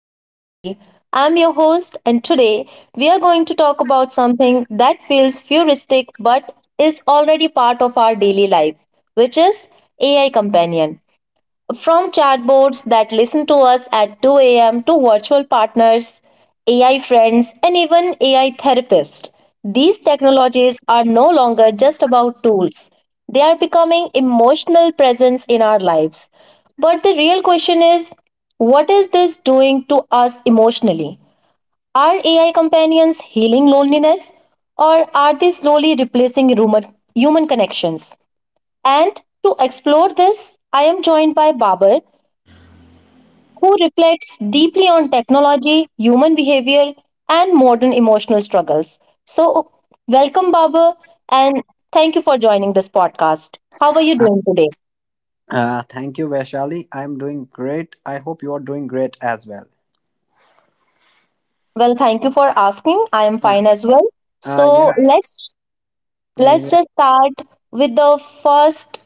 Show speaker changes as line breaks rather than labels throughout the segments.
with Vishali. I'm your host, and today we are going to talk about something that feels futuristic but is already part of our daily life, which is AI Companion. From chatbots that listen to us at 2 a.m. to virtual partners, AI friends, and even AI therapists, these technologies are no longer just about tools. They are becoming emotional presence in our lives. But the real question is, what is this doing to us emotionally? Are AI companions healing loneliness, or are they slowly replacing human connections? And to explore this, I am joined by Babar, who reflects deeply on technology, human behavior, and modern emotional struggles. So, welcome, Baba, and thank you for joining this podcast. How are you
Uh,
doing today?
thank you, Vaishali. I'm doing great. I hope you are doing great as well.
Well, thank you for asking. I am
Uh,
fine as well.
uh,
So
yeah,
let's
yeah,
let's just start with the first.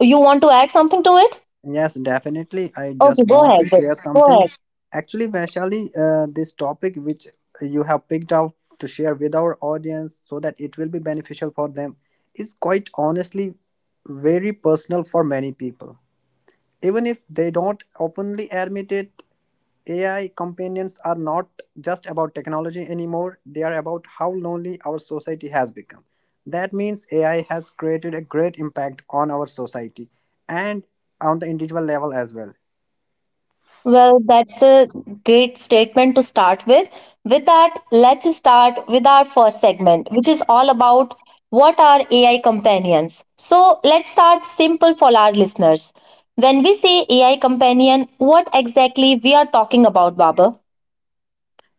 You want to add something to it?
yes, definitely. I just
Okay, go
want to
ahead.
share
Go
something.
ahead.
Actually, Vaishali, this topic which you have picked out to share with our audience so that it will be beneficial for them is quite honestly very personal for many people. Even if they don't openly admit it, AI companions are not just about technology anymore, they are about how lonely our society has become. That means AI has created a great impact on our society and on the individual level as well.
Well, that's a great statement to start with. With that, let's start with our first segment, which is all about what are AI companions. So, let's start simple for our listeners. When we say AI companion, what exactly we are talking about, Baba?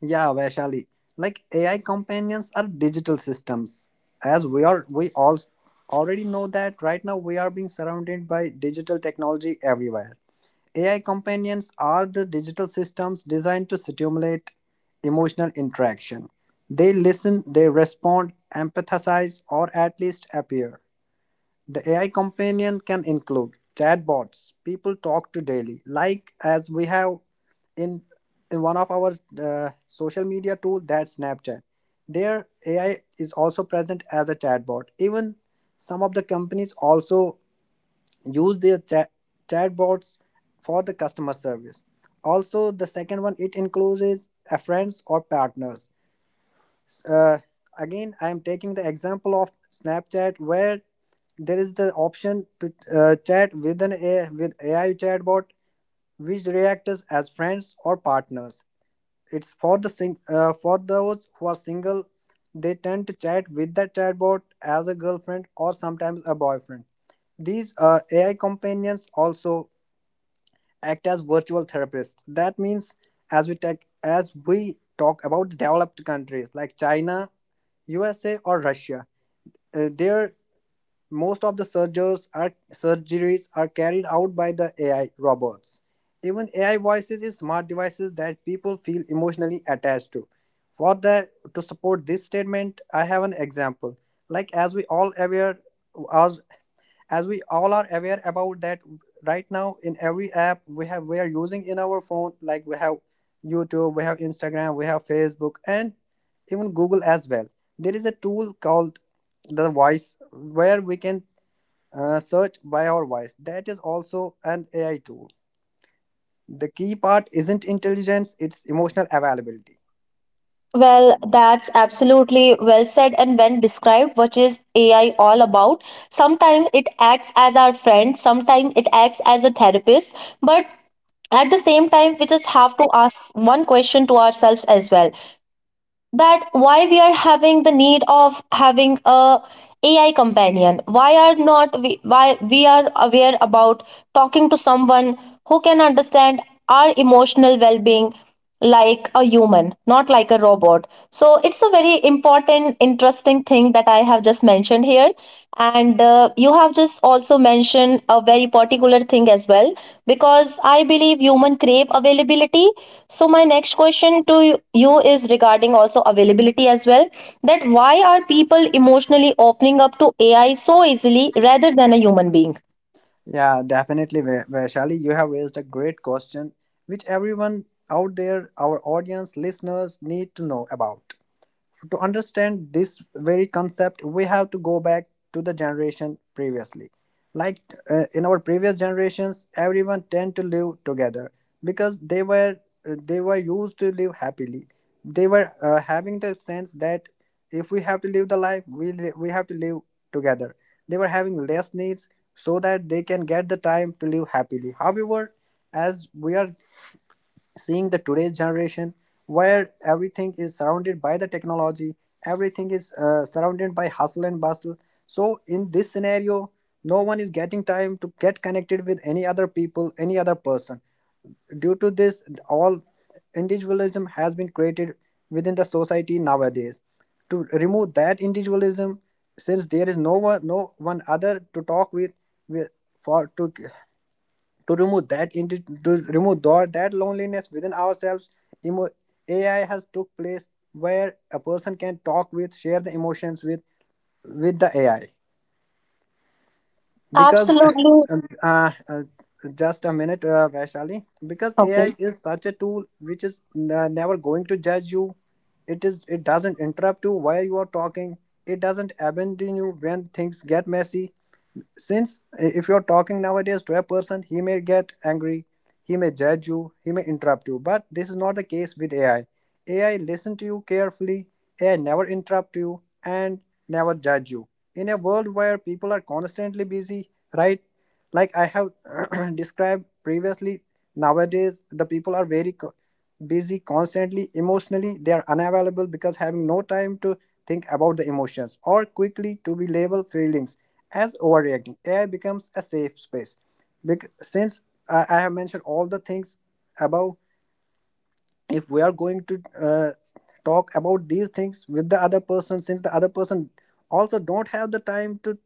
Yeah, Vaishali, like AI companions are digital systems. We all already know that right now we are being surrounded by digital technology everywhere. AI companions are the digital systems designed to stimulate emotional interaction. They listen, they respond, empathize, or at least appear. The AI companion can include chatbots, people talk to daily, like as we have in, in one of our social media tool, that's Snapchat. There, AI is also present as a chatbot. Even some of the companies also use their chatbots for the customer service. Also, the second one it includes is a friends or partners. S- uh, Again, I am taking the example of Snapchat where there is the option to chat with an AI, with AI chatbot which reacts as friends or partners. It's for the for those who are single, they tend to chat with the chatbot as a girlfriend or sometimes a boyfriend. These AI companions also act as virtual therapists. That means as we talk about the developed countries like China, USA, or Russia, there most of the surgeries are carried out by the AI robots. Even AI voices is smart devices that people feel emotionally attached to. For that to support this statement, I have an example. Like as we all aware, our as we all are aware about that right now in every app we are using in our phone, like we have YouTube, we have Instagram, we have Facebook, and even Google as well, there is a tool called the voice where we can search by our voice. That is also an AI tool. The key part isn't intelligence, it's emotional availability.
Well, that's absolutely well said and well described, which is AI all about. Sometimes it acts as our friend, sometimes it acts as a therapist, but at the same time, we just have to ask one question to ourselves as well, that why we are having the need of having a AI companion. Why are not we, why we are aware about talking to someone who can understand our emotional well-being, like a human, not like a robot? So it's a very important, interesting thing that I have just mentioned here. And you have just also mentioned a very particular thing as well, because I believe human crave availability. So, my next question to you is regarding also availability as well, that why are people emotionally opening up to AI so easily rather than a human being?
Yeah, definitely, Vaishali, you have raised a great question which everyone out there, our audience listeners, need to know about. To understand this very concept, we have to go back to the generation previously. Like, in our previous generations, everyone tend to live together because they were, they were used to live happily. They were having the sense that if we have to live the life, we have to live together. They were having less needs so that they can get the time to live happily. However, as we are seeing the today's generation where everything is surrounded by the technology, everything is surrounded by hustle and bustle, so in this scenario no one is getting time to get connected with any other people, any other person. Due to this all, individualism has been created within the society nowadays. To remove that individualism, since there is no one other to talk with, we- for to remove that to remove that loneliness within ourselves, emo- AI has took place where a person can talk with, share the emotions with the AI. Because
Absolutely.
um, uh, uh, just a minute, Vaishali, because AI is such a tool which is never going to judge you. It is it doesn't interrupt you while you are talking. It doesn't abandon you when things get messy, since if you're talking nowadays to a person, he may get angry, he may judge you, he may interrupt you. But this is not the case with AI. AI listen to you carefully. AI never interrupt you and never judge you. In a world where people are constantly busy, right, like I have described previously, nowadays the people are very busy constantly. Emotionally they are unavailable because having no time to think about the emotions, or quickly to be labeled feelings as overreacting, AI becomes a safe space. Since I have mentioned all the things above, if we are going to uh, talk about these things with the other person, since the other person also don't have the time to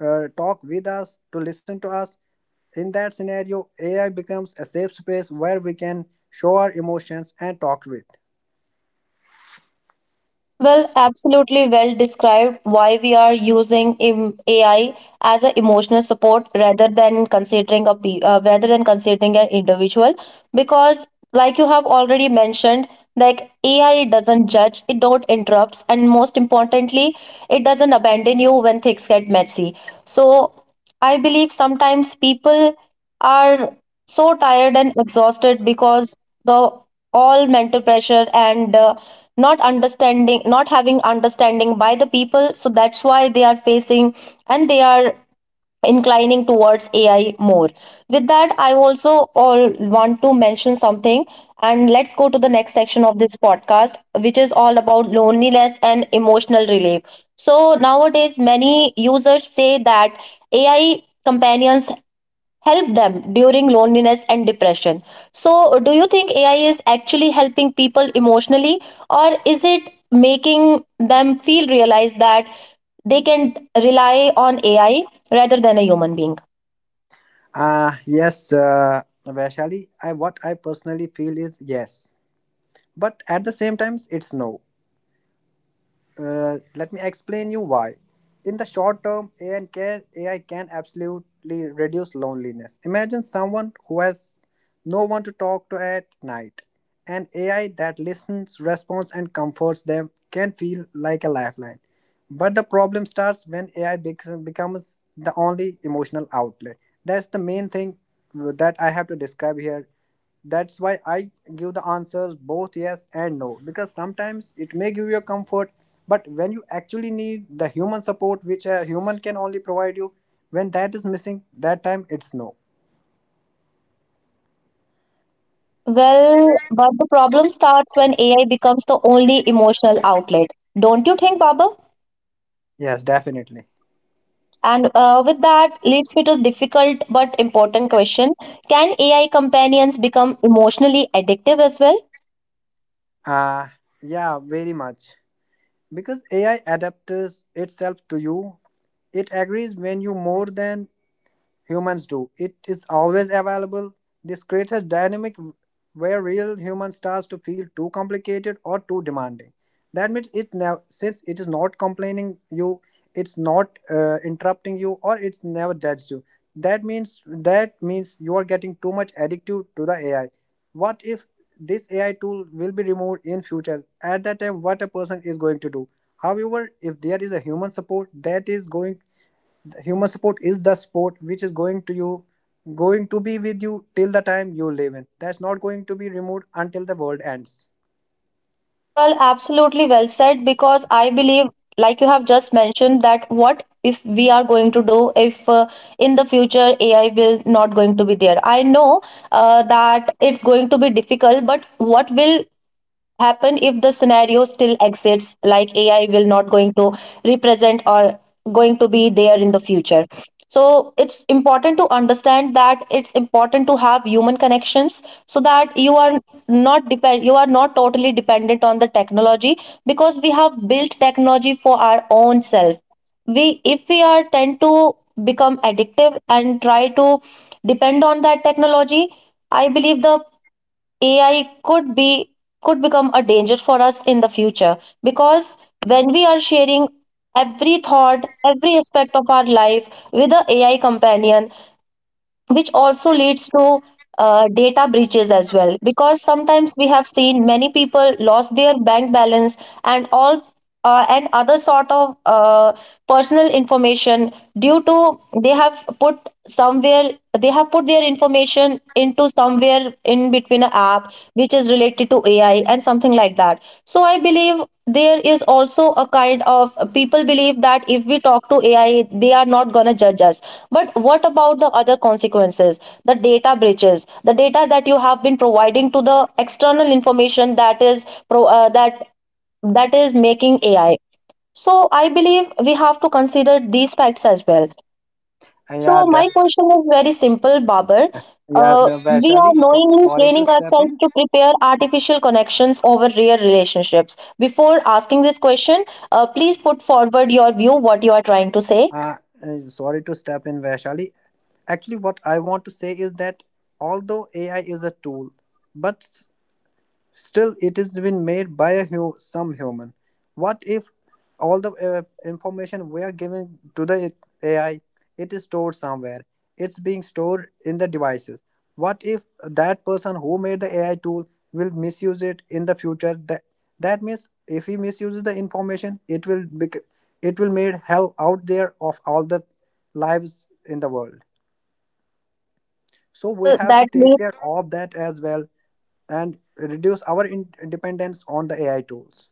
talk with us, to listen to us. In that scenario, AI becomes a safe space where we can show our emotions and talk with.
Well, absolutely well described why we are using AI as an emotional support rather than considering a rather than considering an individual, because like you have already mentioned, like AI doesn't judge, it don't interrupts, and most importantly, it doesn't abandon you when things get messy. So I believe sometimes people are so tired and exhausted because the all mental pressure, and not understanding, not having understanding by the people, so that's why they are facing, and they are inclining towards AI more. With that, I also all want to mention something, and let's go to the next section of this podcast, which is all about loneliness and emotional relief. So nowadays many users say that AI companions help them during loneliness and depression. So, do you think AI is actually helping people emotionally, or is it making them feel, realize, that they can rely on AI rather than a human being?
Yes, Vaishali, what I personally feel is yes. But at the same times, it's no. Let me explain you why. In the short term, AI can absolutely reduce loneliness. Imagine someone who has no one to talk to at night. An AI that listens, responds, and comforts them can feel like a lifeline. But the problem starts when becomes the only emotional outlet. That's the main thing that I have to describe here. That's why I give the answers both yes and no, because sometimes it may give you a comfort, but when you actually need the human support, which a human can only provide you, when that is missing, that time it's no.
Well, but the problem starts when AI becomes the only emotional outlet. Don't you think, Baba?
Yes, definitely.
And with that leads me to difficult but important question. Can AI companions become emotionally addictive as well?
Uh, yeah, very much. Because AI adapts itself to you, it agrees when you more than humans do. It is always available. This creates a dynamic where real human starts to feel too complicated or too demanding. That means it never, since it is not complaining you, it's not interrupting you, or it's never judged you. That means you are getting too much addictive to the AI. What if this AI tool will be removed in future? At that time, what a person is going to do? However, if there is a human support that is going Humor support is the support which is going to be with you till the time you live in. That's not going to be removed until the world ends.
Well, absolutely well said, because I believe, like you have just mentioned, that what if we are going to do if in the future AI will not going to be there? I know that it's going to be difficult, but what will happen if the scenario still exists, like AI will not going to represent or going to be there in the future. So it's important to understand that it's important to have human connections, so that you are not depend, you are not totally dependent on the technology, because we have built technology for our own self. We, if we are tend to become addictive and try to depend on that technology, I believe the AI could be, could become a danger for us in the future, because when we are sharing every thought, every aspect of our life with the AI companion, which also leads to data breaches as well. Because sometimes we have seen many people lost their bank balance and all, and other sort of personal information due to they have put somewhere, they have put their information into somewhere in between a app which is related to AI and something like that. So I believe there is also a kind of people believe that if we talk to AI, they are not gonna judge us. But what about the other consequences? The data breaches, the data that you have been providing to the external information that is that that is making AI. So I believe we have to consider these facts as well.
Uh, Yeah,
So my
def-
question is very simple, Babar.
yeah, the
We are
Vaishali. So,
knowingly
sorry to
training
step
ourselves
in.
to prepare artificial connections over real relationships. Before asking this question, please put forward your view, what you are trying to say.
Uh, Sorry to step in, Vaishali. Actually, what I want to say is that although AI is a tool, but still, it is been made by a some human. What if all the information we are giving to the AI, it is stored somewhere. It's being stored in the devices. What if that person who made the AI tool will misuse it in the future? That, that means if he misuses the information, it will made hell out there of all the lives in the world. So we
Well,
have
that
to take
leads
care of that as well and reduce our dependence on the AI tools.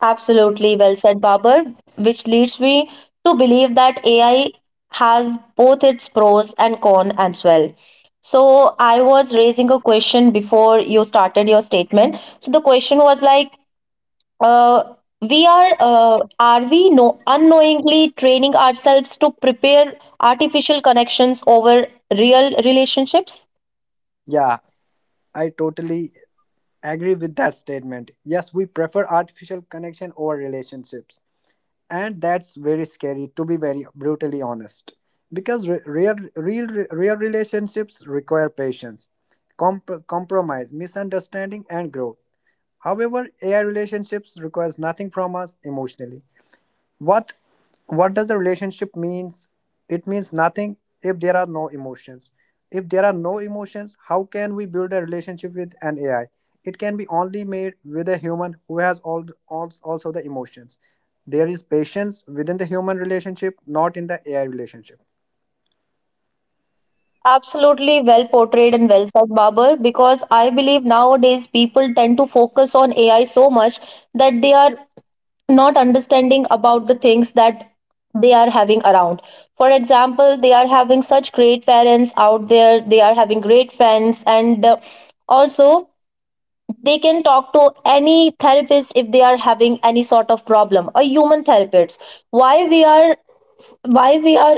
absolutely well said, Babar, which leads me to believe that AI has both its pros and cons as well. So I was raising a question before you started your statement. So the question was like, uh, we are we no unknowingly training ourselves to prepare artificial connections over real relationships?
Yeah, I totally agree with that statement. Yes, we prefer artificial connection over relationships. And that's very scary, to be very brutally honest. Because real relationships require patience, compromise, misunderstanding, and growth. However, AI relationships requires nothing from us emotionally. what what does the relationship means? It means nothing if there are no emotions. If there are no emotions, how can we build a relationship with an AI? It can be only made with a human who has all also the emotions. There is patience within the human relationship, not in the AI relationship.
Absolutely well portrayed and well said, Babar, because I believe nowadays people tend to focus on AI so much that they are not understanding about the things that they are having around. For example, they are having such great parents out there, they are having great friends, and also they can talk to any therapist if they are having any sort of problem, a human therapist. why we are why we are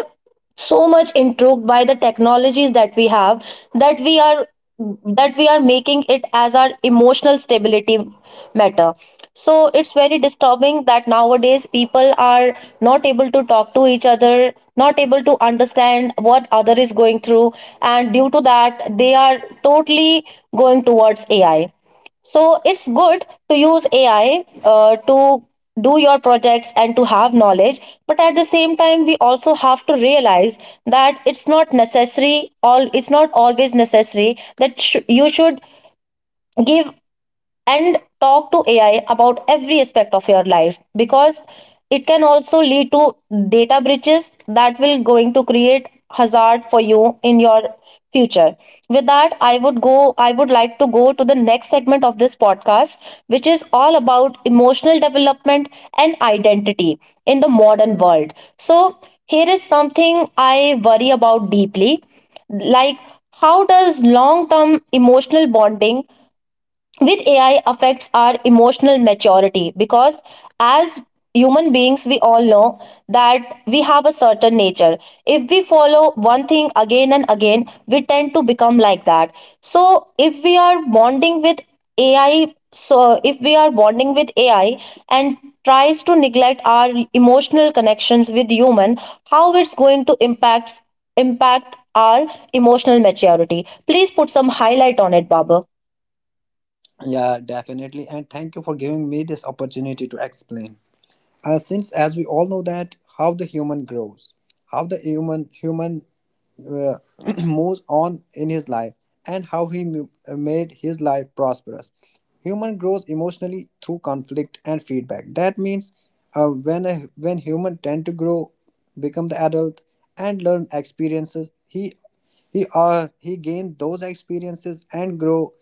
so much intrigued by the technologies that we have, that we are, that we are making it as our emotional stability matter? So it's very disturbing that nowadays people are not able to talk to each other, not able to understand what other is going through, and due to that they are totally going towards AI. So it's good to use AI to do your projects and to have knowledge. But at the same time, we also have to realize that it's not necessary, all, it's not always necessary that you should give and talk to AI about every aspect of your life, because it can also lead to data breaches that will going to create hazard for you in your future. With that, I would like to go to the next segment of this podcast, which is all about emotional development and identity in the modern world. So here is something I worry about deeply, like, how does long term emotional bonding with AI affects our emotional maturity? Because as human beings we all know that we have a certain nature. If we follow one thing again and again, we tend to become like that. So if we are bonding with ai so if we are bonding with AI and tries to neglect our emotional connections with human, how it's going to impact our emotional maturity? Please put some highlight on it, Baba.
Yeah, definitely. And thank you for giving me this opportunity to explain. Since, as we all know, that how the human grows, how the human uh, moves on in his life and how he made his life prosperous. Human grows emotionally through conflict and feedback. That means when when human tend to grow, become the adult and learn experiences, he gained those experiences and grow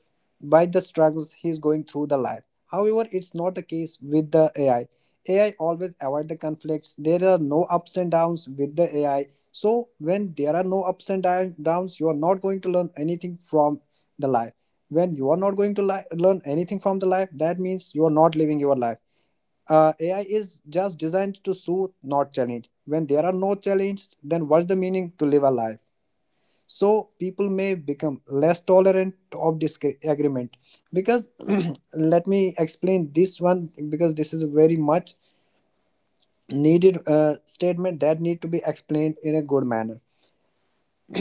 by the struggles he is going through the life. However, it's not the case with the AI. AI always avoid the conflicts. There are no ups and downs with the AI. So when there are no ups and downs, you are not going to learn anything from the life. When you are not going to learn anything from the life, that means you are not living your life. AI is just designed to soothe, not challenge. When there are no challenges, then what's the meaning to live a life? So people may become less tolerant of disagreement because let me explain this one because this is a very much needed statement that need to be explained in a good manner.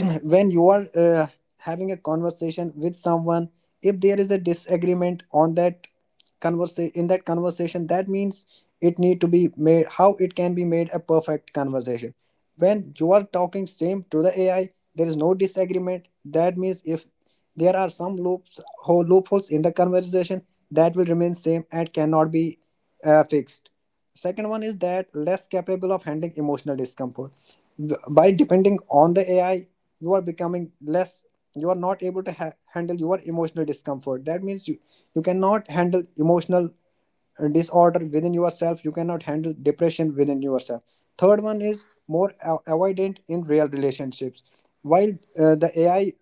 When you are having a conversation with someone, if there is a disagreement on that conversation, in that conversation, that means it need to be made how it can be made a perfect conversation. When you are talking same to the AI, there is no disagreement. That means if there are some loopholes in the conversation, that will remain same and cannot be fixed. Second one is that less capable of handling emotional discomfort. By depending on the AI, you are becoming less, you are not able to handle your emotional discomfort. That means you cannot handle emotional disorder within yourself, you cannot handle depression within yourself. Third one is more avoidant in real relationships. While the AI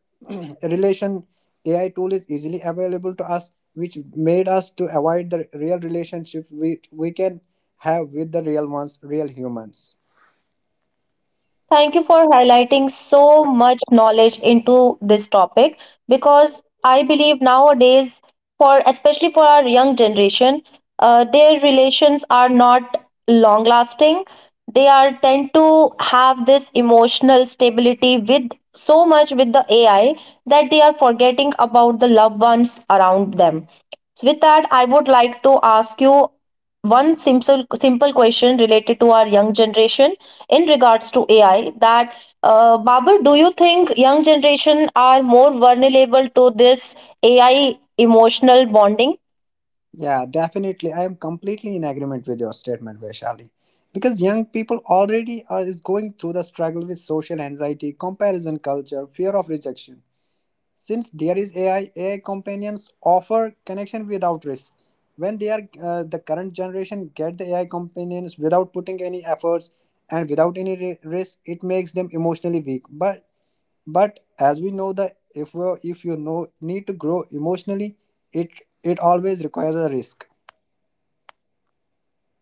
relation, AI tool is easily available to us which made us to avoid the real relationships we can have with the real ones, real humans.
Thank you for highlighting so much knowledge into this topic, because I believe nowadays, for especially for our young generation, their relations are not long lasting. They are tend to have this emotional stability with so much with the AI that they are forgetting about the loved ones around them. So with that, I would like to ask you one simple question related to our young generation in regards to AI. That Babur, do you think young generation are more vulnerable to this AI emotional bonding?
Yeah, definitely, I am completely in agreement with your statement, Vaishali, because young people already is going through the struggle with social anxiety, comparison culture, fear of rejection. Since there is AI, AI companions offer connection without risk. When they are the current generation get the AI companions without putting any efforts and without any risk, it makes them emotionally weak. But as we know that if you know need to grow emotionally, it it always requires a risk.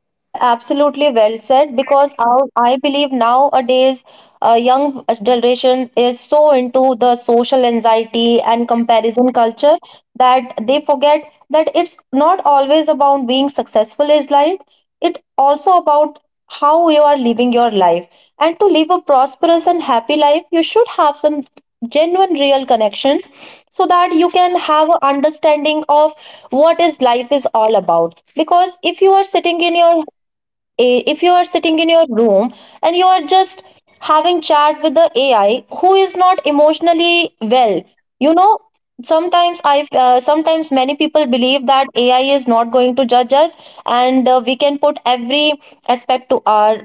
Well, absolutely well said. Because I believe nowadays, young generation is so into the social anxiety and comparison culture that they forget that it's not always about being successful is life. It also about how you are living your life. And to live a prosperous and happy life, you should have some genuine, real connections, so that you can have a understanding of what is life is all about. Because if you are sitting in your if you are sitting in your room and you are just having chat with the AI, who is not emotionally well, you know, sometimes i sometimes many people believe that AI is not going to judge us, and we can put every aspect to our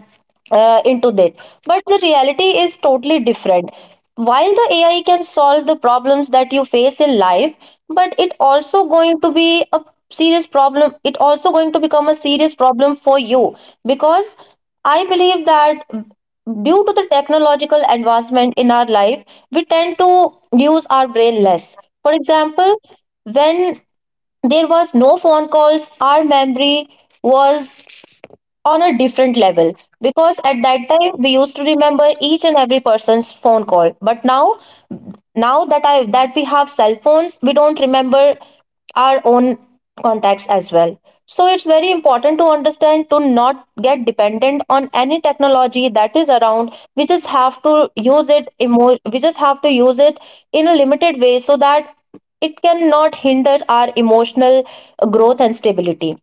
into that. But the reality is totally different. While the AI can solve the problems that you face in life, but it also going to be a serious problem. It also going to become a serious problem for you, because I believe that due to the technological advancement in our life, we tend to use our brain less. For example, when there was no phone calls, our memory was on a different level because at that time we used to remember each and every person's phone call. But now, now that we have cell phones we don't remember our own contacts as well. So it's very important to understand to not get dependent on any technology that is around. We just have to we just have to use it in a limited way so that it cannot hinder our emotional growth and stability.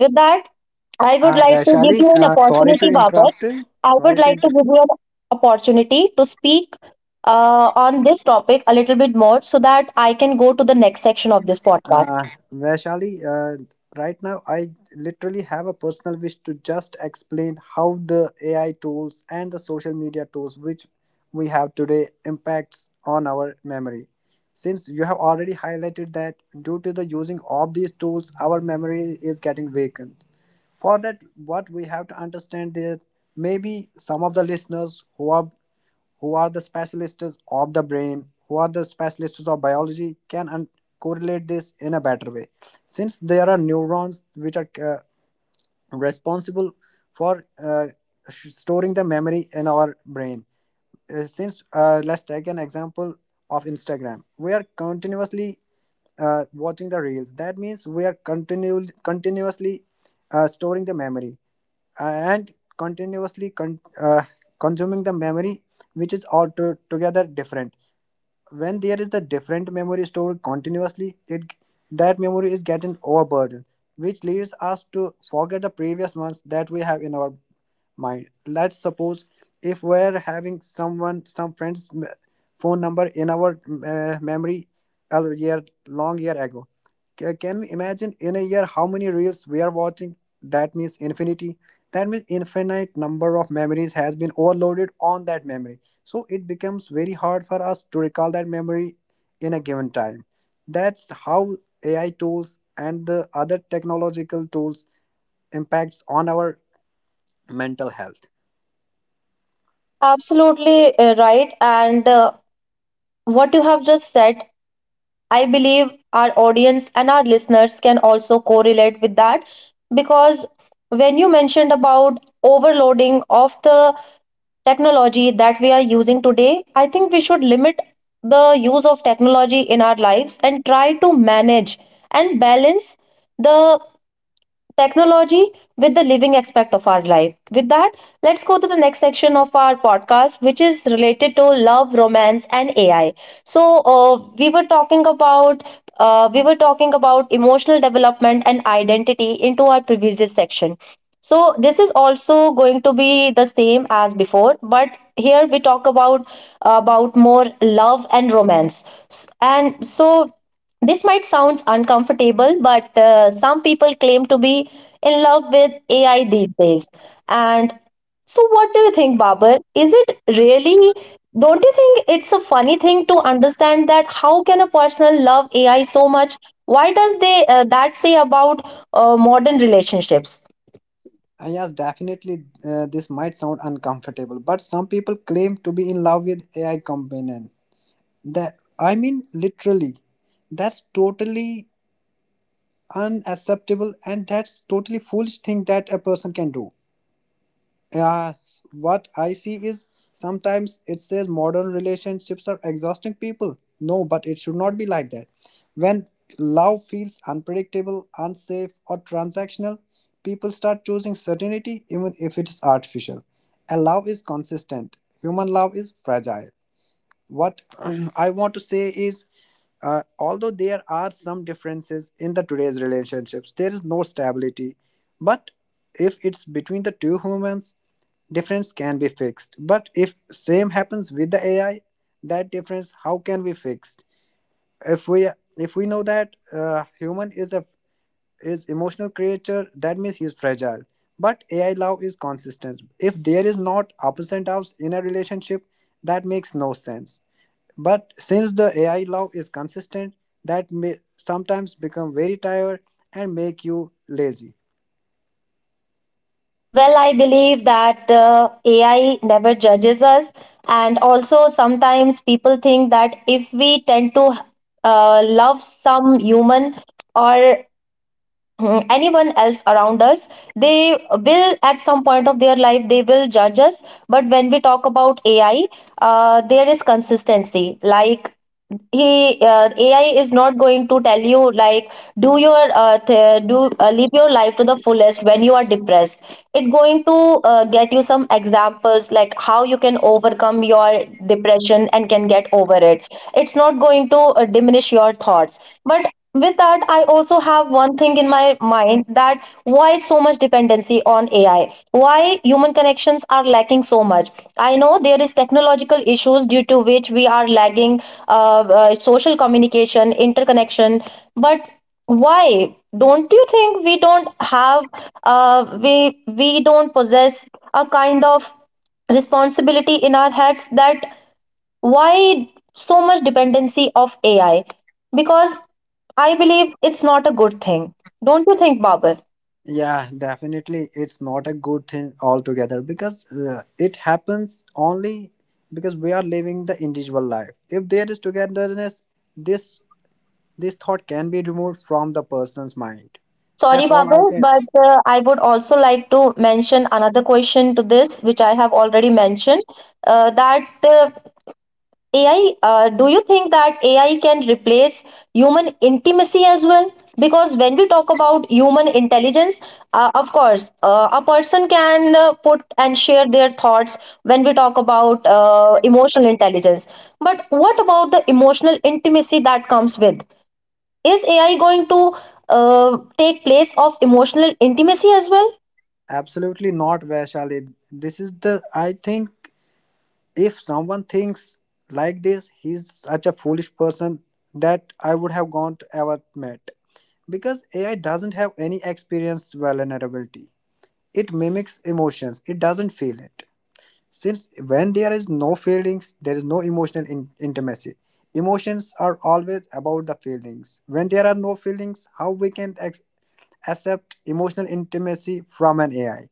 With that, I would like to give
Vaishali,
you an
sorry to
opportunity, Babar.
interrupt.
I would
Sorry to
like to
interrupt.
give you an opportunity to speak on this topic a little bit more so that I can go to the next section of this
Uh,
podcast.
Vaishali, right now I literally have a personal wish to just explain how the AI tools and the social media tools which we have today impacts on our memory. Since you have already highlighted that due to the using of these tools, our memory is getting vacant. For that, what we have to understand is maybe some of the listeners who are the specialists of the brain, who are the specialists of biology, can correlate this in a better way. Since there are neurons which are responsible for storing the memory in our brain. Since Let's take an example of Instagram. We are continuously watching the reels. That means we are continuously storing the memory uh, and continuously consuming the memory, which is all together different. When there is the different memory stored continuously, it that memory is getting overburdened, which leads us to forget the previous ones that we have in our mind. Let's suppose if we're having someone, some phone number in our memory a year, long year ago. Can we imagine in a year how many reels we are watching? That means infinity. That means infinite number of memories has been overloaded on that memory. So it becomes very hard for us to recall that memory in a given time. That's how AI tools and the other technological tools impacts on our mental health.
Absolutely right. And what you have just said, I believe our audience and our listeners can also correlate with that, because when you mentioned about overloading of the technology that we are using today, I think we should limit the use of technology in our lives and try to manage and balance the technology with the living aspect of our life. With that, let's go to the next section of our podcast, which is related to love, romance, and AI. So we were talking about emotional development and identity into our previous section. So this is also going to be the same as before, but here we talk about more love and romance. And so this might sound uncomfortable, but some people claim to be in love with AI these days. And so, what do you think, Babar? Is it really? Don't you think it's a funny thing to understand that how can a person love AI so much? Why does they that say about modern relationships?
Yes, definitely. This might sound uncomfortable, but some people claim to be in love with AI companion. That I mean, literally, that's totally unacceptable, and that's totally foolish thing that a person can do. Yeah, what I see is sometimes it says modern relationships are exhausting people. No, but it should not be like that. When love feels unpredictable, unsafe, or transactional, people start choosing certainty even if it is artificial. And love is consistent, human love is fragile. What I want to say is although there are some differences in the today's relationships, there is no stability. But if it's between the two humans, difference can be fixed. But if same happens with the AI, that difference how can be fixed. if we if we know that human is a is emotional creature, that means he is fragile. But AI love is consistent. If there is not ups and downs in a relationship, that makes no sense. But since the AI love is consistent, that may sometimes become very tired and make you lazy.
Well, I believe that AI never judges us. And also, sometimes people think that if we tend to love some human or anyone else around us, they will at some point of their life they will judge us. But when we talk about AI, there is consistency. Like, he AI is not going to tell you like, do your th- do live your life to the fullest when you are depressed. It going to get you some examples like how you can overcome your depression and can get over it. It's not going to diminish your thoughts. But with that, I also have one thing in my mind, that why so much dependency on AI? Why human connections are lacking so much? I know there is technological issues due to which we are lagging social communication interconnection. But why? Don't you think we don't have we don't possess a kind of responsibility in our heads that why so much dependency of AI? Because I believe it's not a good thing. Don't you think, Babar?
Yeah, definitely, it's not a good thing altogether because it happens only because we are living the individual life. If there is togetherness, this this thought can be removed from the person's mind.
Sorry,
That's all
Babar,
I can.
but I would also like to mention another question to this, which I have already mentioned, that AI, do you think that AI can replace human intimacy as well? Because when we talk about human intelligence, of course, a person can put and share their thoughts when we talk about emotional intelligence. But what about the emotional intimacy that comes with? Is AI going to take place of emotional intimacy as well?
Absolutely not, Vaishali. This is the I think if someone thinks like this, he's such a foolish person that I would have gone to ever met. Because AI doesn't have any experience, vulnerability. It mimics emotions, it doesn't feel it. Since when there is no feelings, there is no emotional intimacy. Emotions are always about the feelings. When there are no feelings, how we can accept emotional intimacy from an AI?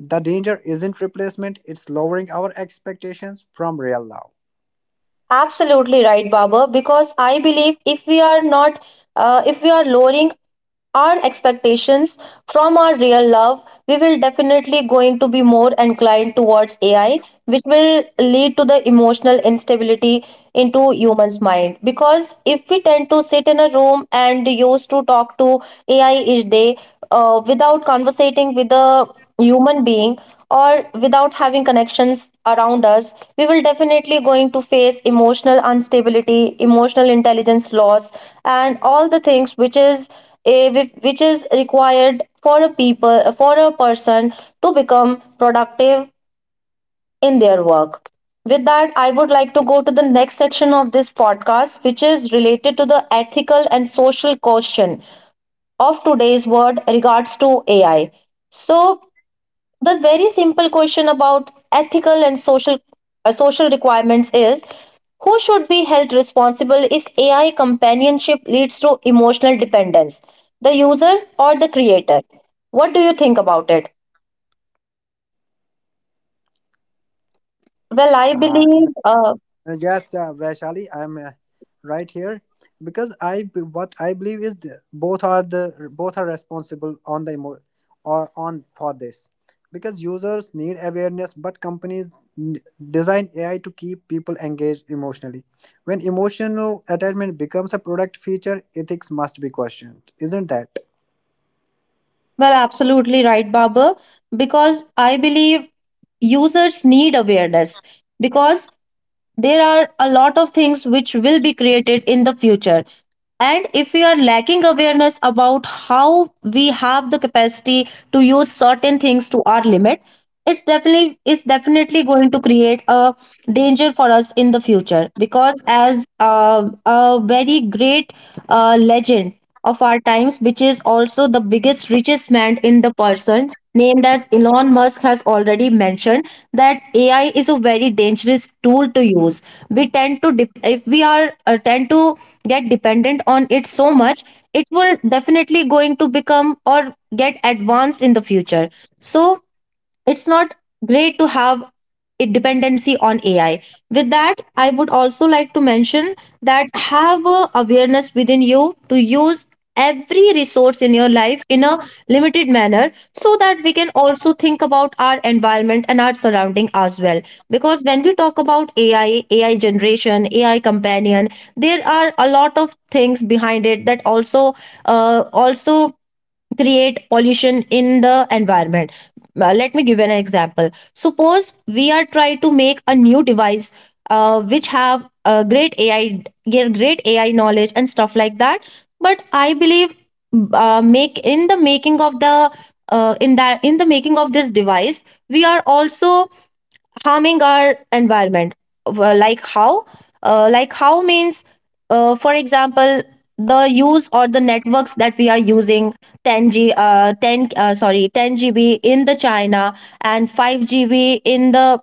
The danger isn't replacement, it's lowering our expectations from real love.
Absolutely right, Baba. Because I believe if we are not, if we are lowering our expectations from our real love, we will definitely going to be more inclined towards AI, which will lead to the emotional instability into humans mind. Because if we tend to sit in a room and used to talk to AI each day without conversating with a human being, or without having connections around us, we will definitely going to face emotional instability, emotional intelligence loss, and all the things which is which is required for a people for a person to become productive in their work. With that, I would like to go to the next section of this podcast, which is related to the ethical and social question of today's world regards to AI. So the very simple question about ethical and social social requirements is, who should be held responsible if AI companionship leads to emotional dependence? The user or the creator? What do you think about it? Well,
Uh,
I
th-
believe
yes, Vaishali, I'm right here, because what I believe is both are the both are responsible on the or on for this, because users need awareness, but companies n- design AI to keep people engaged emotionally. When emotional attachment becomes a product feature, ethics must be questioned, isn't that?
well, absolutely right, Babar, because I believe users need awareness, because there are a lot of things which will be created in the future. And if we are lacking awareness about how we have the capacity to use certain things to our limit, it's definitely going to create a danger for us in the future. Because as a very great legend of our times, which is also the biggest richest man in the person named as Elon Musk has already mentioned that AI is a very dangerous tool to use. We tend to dep, if we are tend to get dependent on it so much, it will definitely going to become or get advanced in the future. So it's not great to have a dependency on AI. With that, I would also like to mention that have a awareness within you to use every resource in your life in a limited manner, so that we can also think about our environment and our surrounding as well. Because when we talk about AI, AI generation, AI companion, there are a lot of things behind it that also also create pollution in the environment. Let me give an example. Suppose we are trying to make a new device which have a great AI, get great AI knowledge and stuff like that. But I believe make in the making of the in that in the making of this device, we are also harming our environment. Like how? Like how means, for example, the use or the networks that we are using, 10G, 10 GB in the China, and 5 GB in the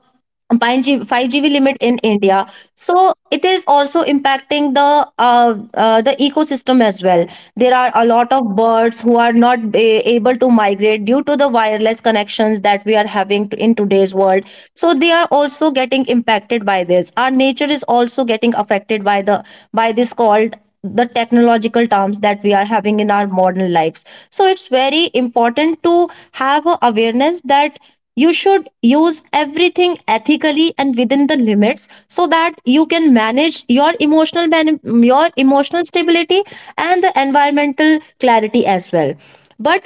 5 GB limit in India. So it is also impacting the ecosystem as well. There are a lot of birds who are not a- able to migrate due to the wireless connections that we are having to, in today's world. So they are also getting impacted by this. Our nature is also getting affected by the by this called the technological terms that we are having in our modern lives. So it's very important to have a awareness that you should use everything ethically and within the limits, so that you can manage your your emotional stability and the environmental clarity as well. But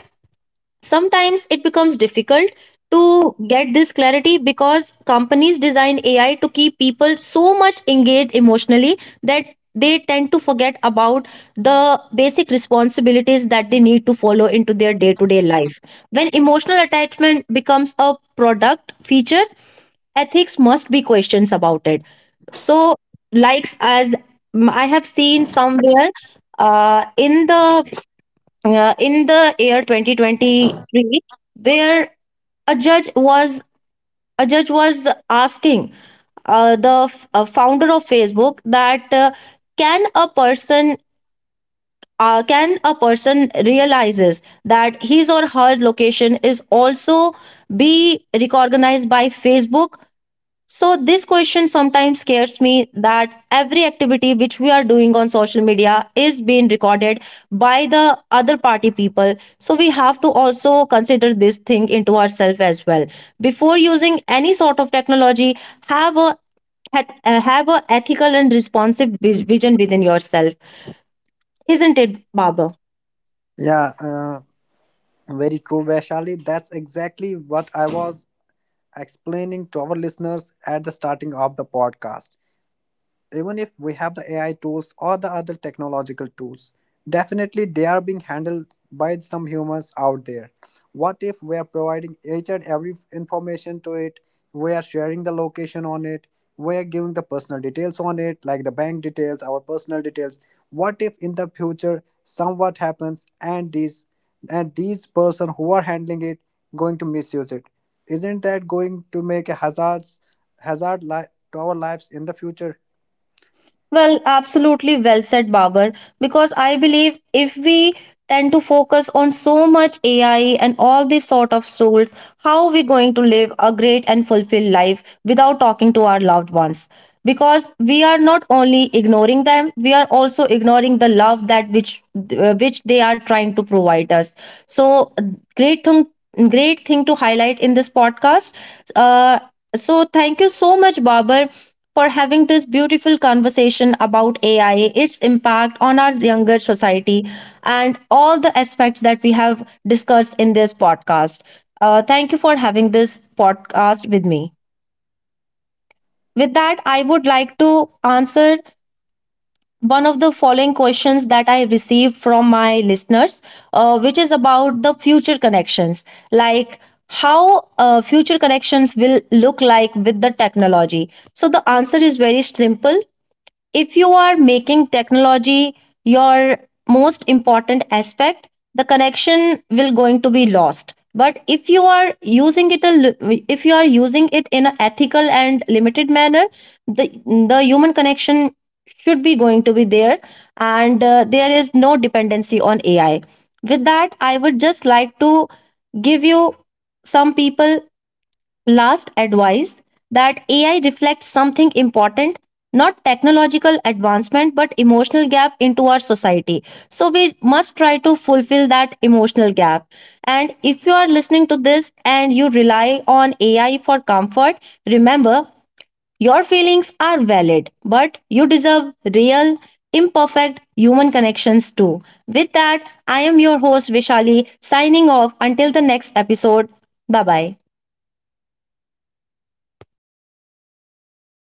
sometimes it becomes difficult to get this clarity because companies design AI to keep people so much engaged emotionally that they tend to forget about the basic responsibilities that they need to follow into their day to day life. When emotional attachment becomes a product feature, ethics must be questions about it. So, likes as I have seen somewhere uh, in the in the year 2023, where a judge was a judge was asking founder of Facebook that can a person can a person realizes that his or her location is also be recognized by Facebook. So, this question sometimes scares me, that every activity which we are doing on social media is being recorded by the other party people. So, we have to also consider this thing into ourselves as well. Before using any sort of technology, have a have a ethical and responsive vision within yourself, isn't it, Baba?
Yeah, very true, Vaishali. That's exactly what I was explaining to our listeners at the starting of the podcast. Even if we have the AI tools or the other technological tools, definitely they are being handled by some humans out there. What if we are providing each and every information to it? We are sharing the location on it. We are giving the personal details on it, like the bank details, our personal details. What if in the future somewhat happens and these person who are handling it going to misuse it? Isn't that going to make a hazard to our lives in the future?
Well, absolutely well said, Babar. Because I believe if we tend to focus on so much AI and all these sort of rules, how are we going to live a great and fulfilled life without talking to our loved ones? Because we are not only ignoring them, we are also ignoring the love that which they are trying to provide us. So, great thing, great thing to highlight in this podcast. Uh, so, thank you so much, Babar, for having this beautiful conversation about AI, its impact on our younger society, and all the aspects that we have discussed in this podcast. Thank you for having this podcast with me. With that, I would like to answer one of the following questions that I received from my listeners, which is about the future connections. Like, how future connections will look like with the technology. So the answer is very simple. If you are making technology your most important aspect, the connection will going to be lost. But if you are using if you are using it in an ethical and limited manner, the the human connection should be going to be there, and there is no dependency on AI. With that, I would just like to give you some people last advice, that AI reflects something important, not technological advancement, but emotional gap into our society. So we must try to fulfill that emotional gap. And if you are listening to this and you rely on AI for comfort, remember, your feelings are valid, but you deserve real, imperfect human connections too. With that, I am your host Vishali signing off until the next episode. Bye bye.